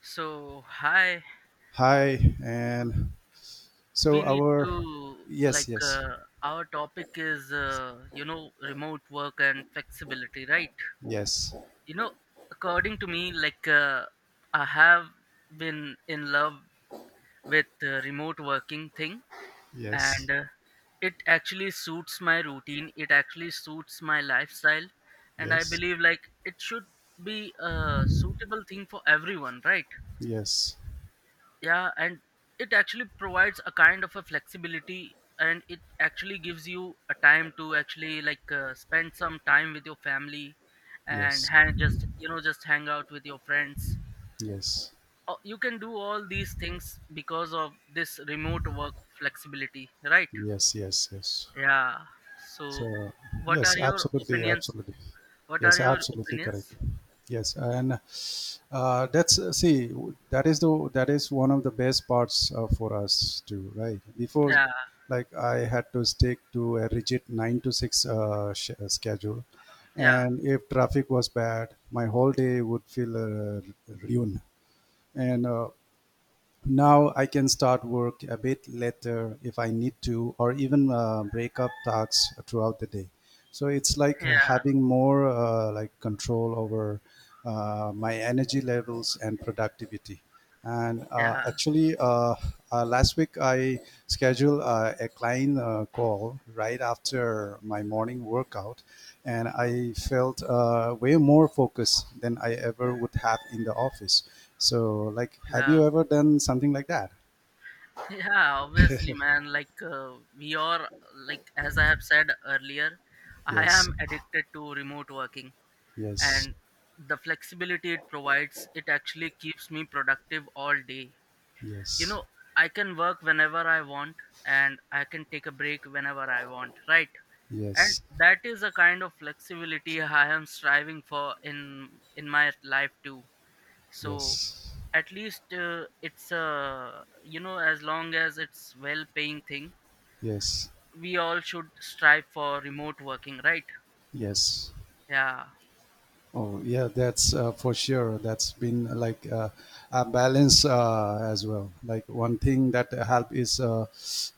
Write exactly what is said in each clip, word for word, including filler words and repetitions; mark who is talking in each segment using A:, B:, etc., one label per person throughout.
A: So, hi,
B: Hi, and
A: we
B: so
A: need
B: our
A: to
B: yes,
A: like
B: yes,
A: uh, our topic is uh, you know remote work and flexibility, right?
B: yes,
A: You know, according to me, like uh, I have been in love with uh, remote working thing,
B: yes,
A: and uh, it actually suits my routine. It actually suits my lifestyle, and I
B: yes,
A: believe like it should be a suitable thing for everyone, right?
B: yes,
A: Yeah, and it actually provides a kind of a flexibility, and it actually gives you a time to actually like uh, spend some time with your family and
B: yes,
A: hang, just you know just hang out with your friends.
B: yes,
A: Oh, you can do all these things because of this remote work flexibility, right?
B: yes, yes, yes.
A: Yeah. So
B: So
A: what are
B: yes,
A: your
B: absolutely,
A: opinions?
B: absolutely,
A: what are
B: yes,
A: your
B: absolutely
A: opinions
B: correct. Yes, and Uh, that's uh, see that is the that is one of the best parts uh, for us too, right? Before,
A: yeah
B: like, I had to stick to a rigid nine to six uh, sh- uh, schedule,
A: yeah
B: and if traffic was bad my whole day would feel uh, ruined. And uh, Now I can start work a bit later if I need to, or even uh, break up tasks throughout the day. So it's like
A: yeah
B: having more, uh, like control over uh, my energy levels and productivity. And uh,
A: yeah
B: actually, uh, uh, Last week I scheduled uh, a client uh, call right after my morning workout, and I felt uh, way more focused than I ever would have in the office. So, like, have
A: yeah
B: you ever done something like that?
A: yeah, obviously, man. Like uh, we are, like, as I have said earlier, I
B: Yes,
A: am addicted to remote working,
B: yes,
A: and the flexibility it provides, it actually keeps me productive all day. You
B: yes,
A: know, I can work whenever I want, and I can take a break whenever I want, right? And
B: yes,
A: that is a kind of flexibility I am striving for in in my life too. So
B: yes,
A: at least uh, it's a, you know, as long as it's well paying thing,
B: yes,
A: we all should strive for remote working, right?
B: yes.
A: yeah
B: Oh, yeah, that's uh, for sure. That's been like uh, a balance uh, as well. Like, one thing that help is uh,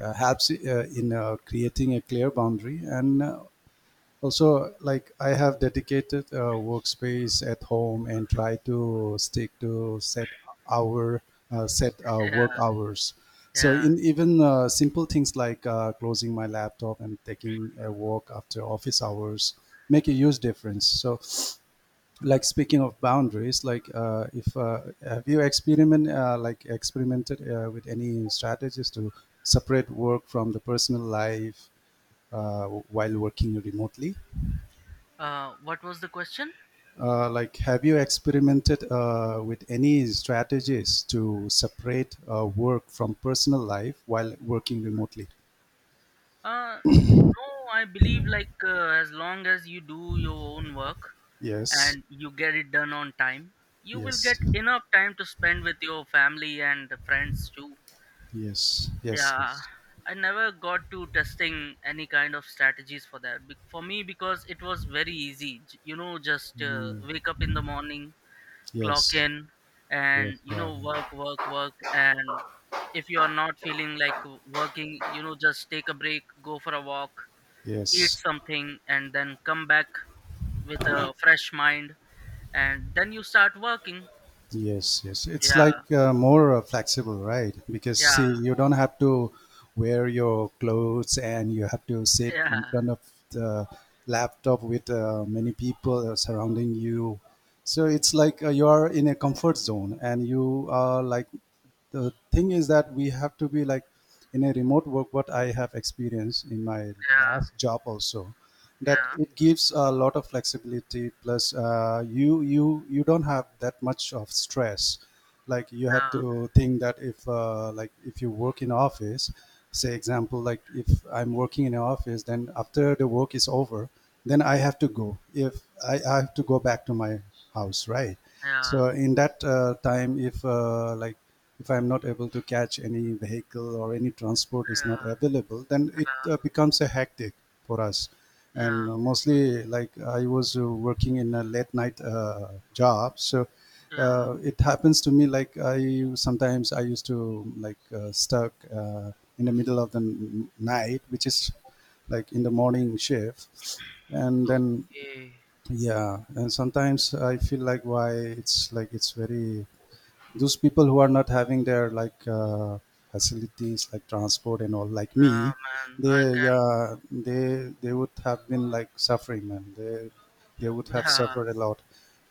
B: uh, helps uh, in uh, creating a clear boundary, and uh, also, like, I have dedicated uh, workspace at home and try to stick to set hour uh, set uh, work
A: yeah
B: hours. So,
A: yeah
B: in even uh, simple things like uh, closing my laptop and taking a walk after office hours make a huge difference. So, like, speaking of boundaries, like, uh, if uh, have you experiment uh, like experimented uh, with any strategies to separate work from the personal life uh, while working remotely
A: uh, What was the question?
B: uh, like have you experimented uh, with any strategies to separate uh, work from personal life while working remotely
A: uh, no, I believe like uh, as long as you do your own work
B: yes
A: and you get it done on time, you will get
B: yes
A: enough time to spend with your family and the friends too.
B: yes yes
A: Yeah,
B: yes
A: I never got to testing any kind of strategies for that. Be- for me, because it was very easy. J- you know, just uh, wake up in the morning, clock
B: yes
A: in,
B: yes
A: and you
B: uh,
A: know, work work work and if you are not feeling like working, you know, just take a break, go for a walk, eat
B: yes.
A: something, and then come back with a fresh mind, and then you start working.
B: Yes, yes. It's
A: yeah
B: like uh, more uh, flexible, right? Because, see,
A: yeah
B: you don't have to wear your clothes and you have to sit
A: yeah
B: in front of the laptop with uh, many people uh, surrounding you. So it's like uh, you are in a comfort zone, and you are like, the thing is that we have to be like, in a remote work, what I have experienced in my
A: yeah
B: last job also, that
A: yeah
B: it gives a lot of flexibility, plus uh, you you you don't have that much of stress. Like, you have to think that if, uh, like if you work in office, say, example, like, if I'm working in an office, then after the work is over, then I have to go if i, I have to go back to my house, right?
A: yeah yeah
B: So in that uh, time, if, uh, like if I'm not able to catch any vehicle or any transport is not
A: yeah
B: available, then it uh,
A: yeah
B: becomes a hectic for us.
A: yeah
B: And uh, mostly, like, I was uh, working in a late night uh, job, so
A: yeah
B: uh, it happens to me, like, I sometimes I used to like, uh, stuck, uh, in the middle of the n- night, which is like in the morning shift, and then
A: okay
B: yeah, and sometimes I feel like, why it's like, it's very those people who are not having their, like, uh, facilities like transport and all, like
A: Yeah,
B: me,
A: man, I
B: they
A: can.
B: yeah they they would have been like suffering, man, they they would have
A: yeah
B: suffered a lot.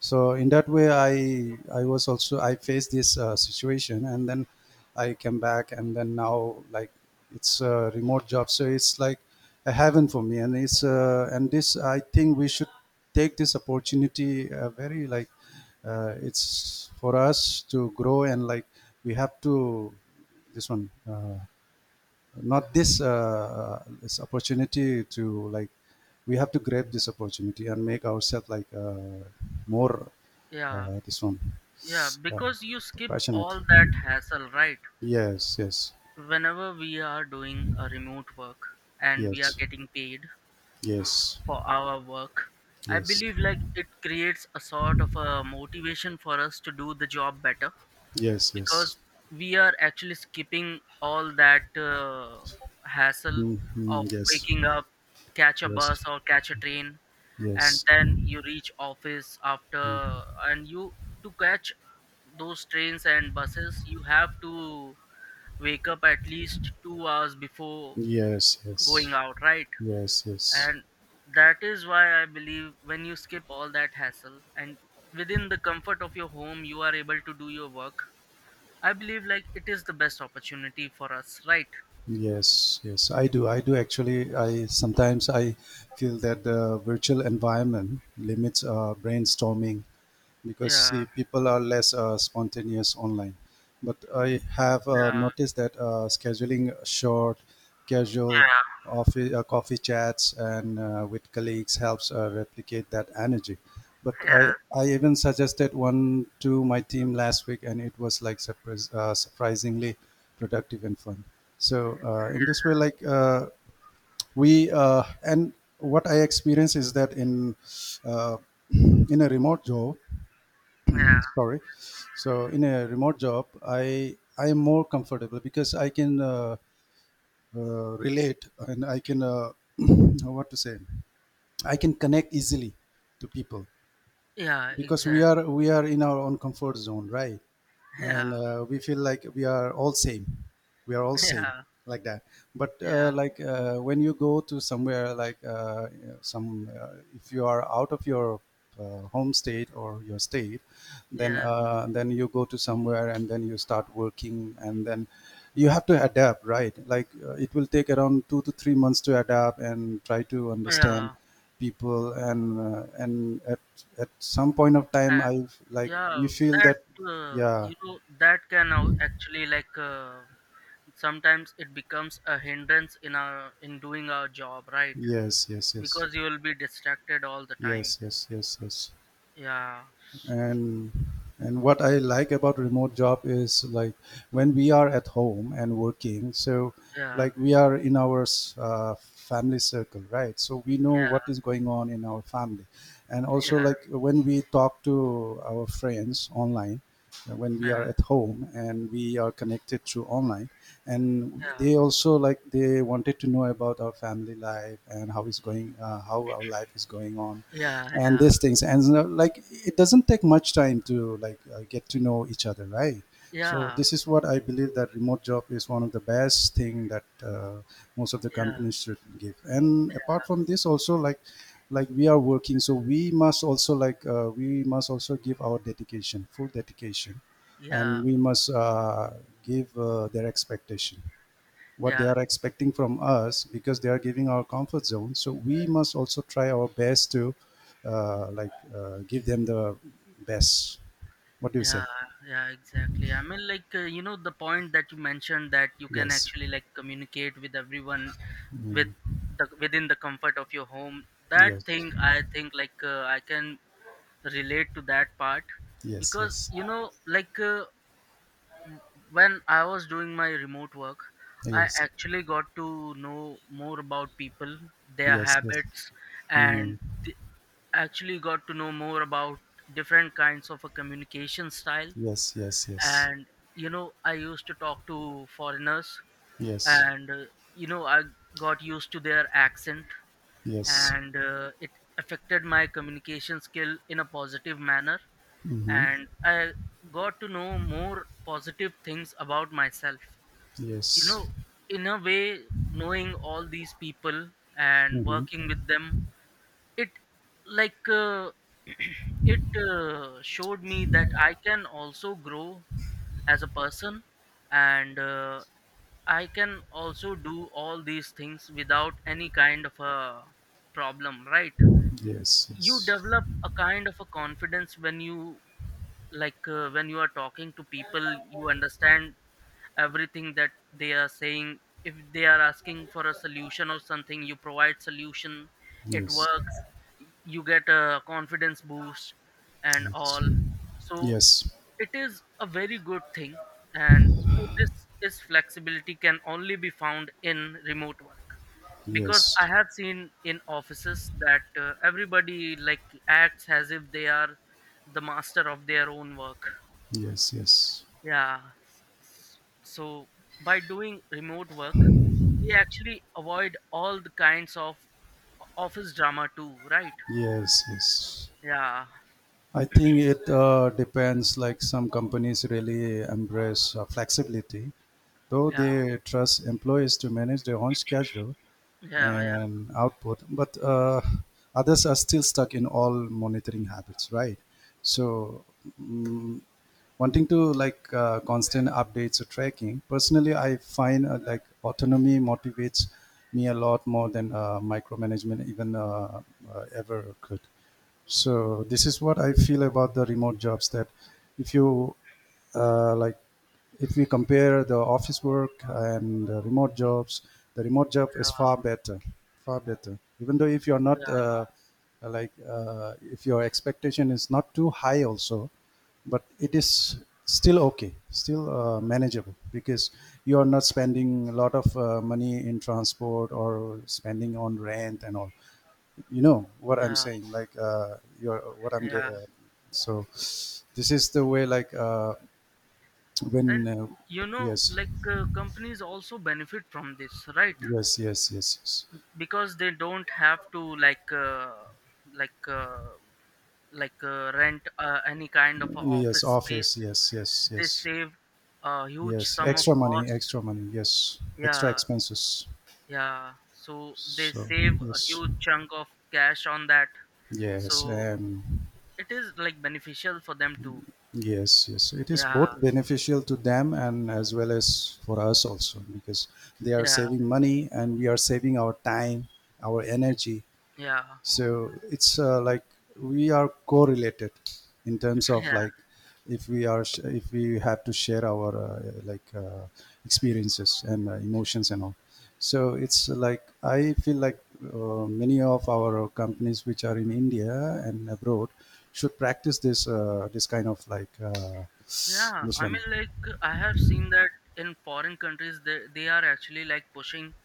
B: So in that way i i was also I faced this uh, situation, and then I came back, and then now like, it's a remote job, so it's like a heaven for me. And it's uh, and this, I think we should take this opportunity uh, very like, uh, it's for us to grow, and like we have to this one, uh, not this uh, uh, this opportunity to, like, we have to grab this opportunity and make ourselves like uh, more
A: yeah
B: uh, this one
A: yeah,
B: uh,
A: because you skip
B: passionate.
A: all that hassle, right?
B: Yes yes
A: Whenever we are doing a remote work and we are
B: yes
A: getting paid
B: yes
A: for our work, I
B: yes
A: believe like it creates a sort of a motivation for us to do the job better,
B: yes yes.
A: because we are actually skipping all that uh, hassle of
B: Mhm, yes
A: waking up, catch a
B: yes
A: bus or catch a train, and
B: yes
A: then you reach office after, and you, to catch those trains and buses, you have to wake up at least two hours before
B: yes
A: going
B: yes
A: out, right?
B: yes yes.
A: And that is why I believe, when you skip all that hassle and within the comfort of your home you are able to do your work, I believe like it is the best opportunity for us, right?
B: Yes, yes, I do. I do actually. I sometimes I feel that the virtual environment limits uh, brainstorming, because,
A: yeah
B: see, people are less uh, spontaneous online. But I have uh,
A: yeah
B: noticed that uh, scheduling short, casual
A: yeah
B: office, uh, coffee chats and uh, with colleagues helps uh, replicate that energy. But
A: yeah
B: I, I even suggested one to my team last week, and it was like surprise, uh, surprisingly productive and fun. So uh, in this way, like, uh, we uh, and what I experience is that in uh, in a remote job,
A: yeah
B: sorry, so in a remote job i i am more comfortable because I can uh, uh, relate, and I can uh, what to say, I can connect easily to people
A: yeah
B: because we
A: Exactly.
B: are we are in our own comfort zone, right? And
A: yeah
B: uh, we feel like we are all same, we are all same,
A: yeah
B: like that. But uh,
A: yeah
B: like uh, when you go to somewhere, like, uh, some uh, if you are out of your uh, home state or your state, then
A: yeah
B: uh, then you go to somewhere and then you start working, and then you have to adapt, right? Like, uh, it will take around two to three months to adapt and try to understand
A: yeah
B: people. And uh, and at, at some point of time
A: And
B: I like, we
A: yeah,
B: feel
A: that
B: that
A: uh,
B: yeah.
A: you know, that can au- actually like uh, sometimes it becomes a hindrance in our, in doing our job, right?
B: Yes, yes, yes.
A: Because you will be distracted all the time.
B: Yes, yes, yes, yes.
A: Yeah,
B: And and what I like about remote job is, like, when we are at home and working, so
A: yeah,
B: like we are in our s- uh, family circle, right? So we know
A: yeah,
B: what is going on in our family. And also,
A: yeah,
B: like, when we talk to our friends online, uh, when we
A: yeah,
B: are at home and we are connected through online, and they also, like, they wanted to know about our family life and how is going, uh, how our life is going on,
A: yeah,
B: and
A: yeah,
B: these things. And you know, like, it doesn't take much time to like uh, get to know each other, right?
A: yeah,
B: So
A: yeah,
B: this is what I believe, that remote job is one of the best thing that uh, most of the
A: yeah,
B: companies should give. And apart from this also, like like we are working, so we must also, like, uh, we must also give our dedication, full dedication.
A: yeah,
B: And we must uh, give uh, their expectation, what they
A: yeah,
B: are expecting from us, because they are giving our comfort zone. So we must also try our best to uh, like uh, give them the best. What do you say?
A: yeah, yeah, exactly. I mean, like uh, you know, the point that you mentioned, that you can
B: Yes.
A: actually like communicate with everyone, with
B: Mm.
A: the, within the comfort of your home. That
B: Yes.
A: thing, I think, like uh, I can relate to that part,
B: Yes.
A: because
B: Yes.
A: you know, like. Uh, w- when I was doing my remote work, I
B: Yes.
A: actually got to know more about people, their
B: Yes. Yes.
A: habits, and
B: Mm.
A: th- actually got to know more about different kinds of a communication style.
B: Yes. Yes. Yes.
A: And you know, I used to talk to foreigners,
B: Yes.
A: and uh, you know, I got used to their accent,
B: Yes.
A: and uh, it affected my communication skill in a positive manner.
B: Mm-hmm.
A: And I got to know more positive things about myself, you
B: Yes.
A: know, in a way, knowing all these people and
B: Mm-hmm.
A: working with them, it like uh, it uh, showed me that I can also grow as a person, and uh, I can also do all these things without any kind of a problem, right?
B: Yes.
A: You
B: Yes.
A: develop a kind of a confidence when you, like uh, when you are talking to people, you understand everything that they are saying. If they are asking for a solution or something, you provide solution, it
B: Yes.
A: works, you get a confidence boost and
B: Yes.
A: all.
B: Yes.
A: So
B: Yes.
A: it is a very good thing. And you know, this is, flexibility can only be found in remote work, because I have seen in offices that uh, everybody like acts as if they are the master of their own work.
B: Yes. Yes.
A: yeah. s- So by doing remote work, we actually avoid all the kinds of office drama too, right?
B: Yes. Yes.
A: Yeah.
B: I think it uh, depends. Like, some companies really embrace uh, flexibility, though
A: Yeah.
B: they trust employees to manage their own schedule
A: Yeah. Yeah.
B: and output. But uh, others are still stuck in all monitoring habits, right? So mm wanting to, like, uh, constant updates or tracking, personally, I find uh, like autonomy motivates me a lot more than uh, micromanagement even uh, uh, ever could. So this is what I feel about the remote jobs, that if you uh, like if we compare the office work and the remote jobs, the remote job is
A: Yeah.
B: far better, far better, even though if you're not uh, like uh, if your expectation is not too high also, but it is still okay, still uh, manageable, because you are not spending a lot of uh, money in transport or spending on rent and all. You know what
A: Yeah.
B: I'm
A: Yeah.
B: saying, like, uh, you're what I'm
A: yeah.
B: getting uh, so this is the way like uh,
A: And
B: when uh,
A: you know,
B: yes
A: like uh, companies also benefit from this, right?
B: yes yes yes yes
A: Because they don't have to like uh, like uh, like uh, rent uh, any kind of a
B: yes
A: office
B: office
A: space.
B: yes yes
A: They
B: yes.
A: save a huge
B: Yes,
A: sum of
B: extra money,
A: cost.
B: extra money. Yes, extra
A: Yeah,
B: expenses.
A: Yeah, so they
B: So,
A: save a
B: yes,
A: huge chunk of cash on that.
B: yes,
A: So
B: um,
A: it is like beneficial for them too.
B: yes, yes. It is
A: Yeah,
B: both beneficial to them and as well as for us also, because they are
A: yeah,
B: saving money, and we are saving our time, our energy.
A: yeah,
B: So it's uh, like we are correlated in terms of,
A: yeah,
B: like, if we are sh- if we have to share our uh, like uh, experiences and uh, emotions and all. So it's like I feel like uh, many of our companies which are in India and abroad should practice this, uh, this kind of like, uh,
A: yeah.
B: this
A: I
B: one.
A: mean, like I have seen that in foreign countries, they they are actually like pushing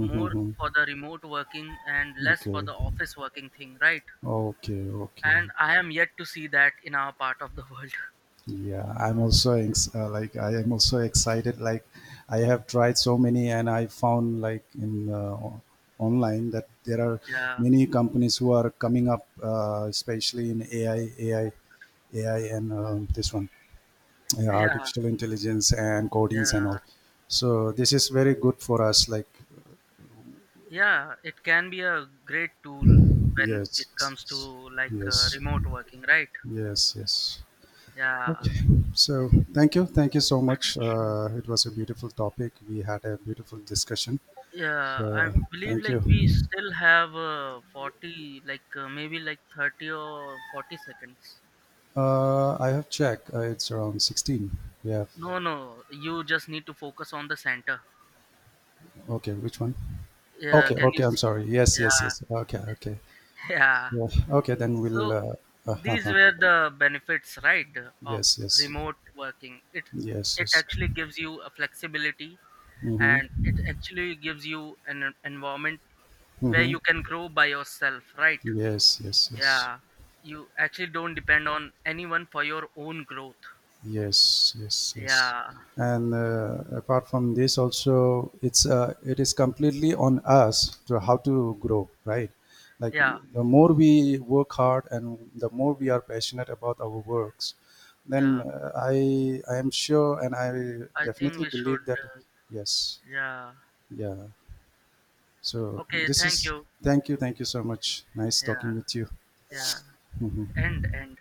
A: more for the remote working and less for
B: Okay,
A: the office working thing, right?
B: okay, okay.
A: And I am yet to see that in our part of the world.
B: Yeah, I'm also ex- uh, like I am also excited. Like, I have tried so many, and I found like in uh, o- online that there are
A: Yeah,
B: many companies who are coming up, uh, especially in A I, A I, A I, and um, this one, yeah,
A: yeah,
B: artificial intelligence and codings and
A: yeah.
B: all. So this is very good for us. Like,
A: Yeah, it can be a great tool when
B: yes,
A: it comes to
B: yes,
A: like uh,
B: yes,
A: remote working, right?
B: yes. Yes.
A: Yeah.
B: Okay, so thank you. Thank you so much. Uh, it was a beautiful topic. We had a beautiful discussion.
A: Yeah, I
B: So
A: believe
B: thank you.
A: like we still have uh, forty, like uh, maybe like thirty or forty seconds.
B: Uh, I have checked. Uh, it's around sixteen. We have,
A: No, no, you just need to focus on the center.
B: okay, which one?
A: Yeah,
B: Okay,
A: can you
B: okay, I'm
A: see?
B: sorry. Yes, yes,
A: Yeah,
B: yes. Okay, okay.
A: yeah.
B: Yeah. Okay, then we'll,
A: So
B: uh,
A: these
B: uh,
A: were the benefits, right, of
B: yes, yes,
A: remote working. It
B: yes,
A: it
B: yes.
A: actually gives you a flexibility,
B: Mm-hmm,
A: and it actually gives you an en- environment where
B: mm-hmm.
A: you can grow by yourself, right?
B: Yes, yes, yes.
A: Yeah, you actually don't depend on anyone for your own growth.
B: Yes, yes, yes.
A: Yeah.
B: And uh, apart from this, also it's uh, it is completely on us to how to grow, right? Like,
A: yeah
B: the more we work hard and the more we are passionate about our works, then
A: yeah
B: uh, I I am sure, and I
A: i think
B: definitely
A: we should
B: believe that
A: uh,
B: yes,
A: yeah,
B: yeah. So
A: okay,
B: this
A: thank
B: is
A: you.
B: thank you, thank you so much. Nice
A: Yeah.
B: talking with you.
A: yeah
B: Mhm.
A: and and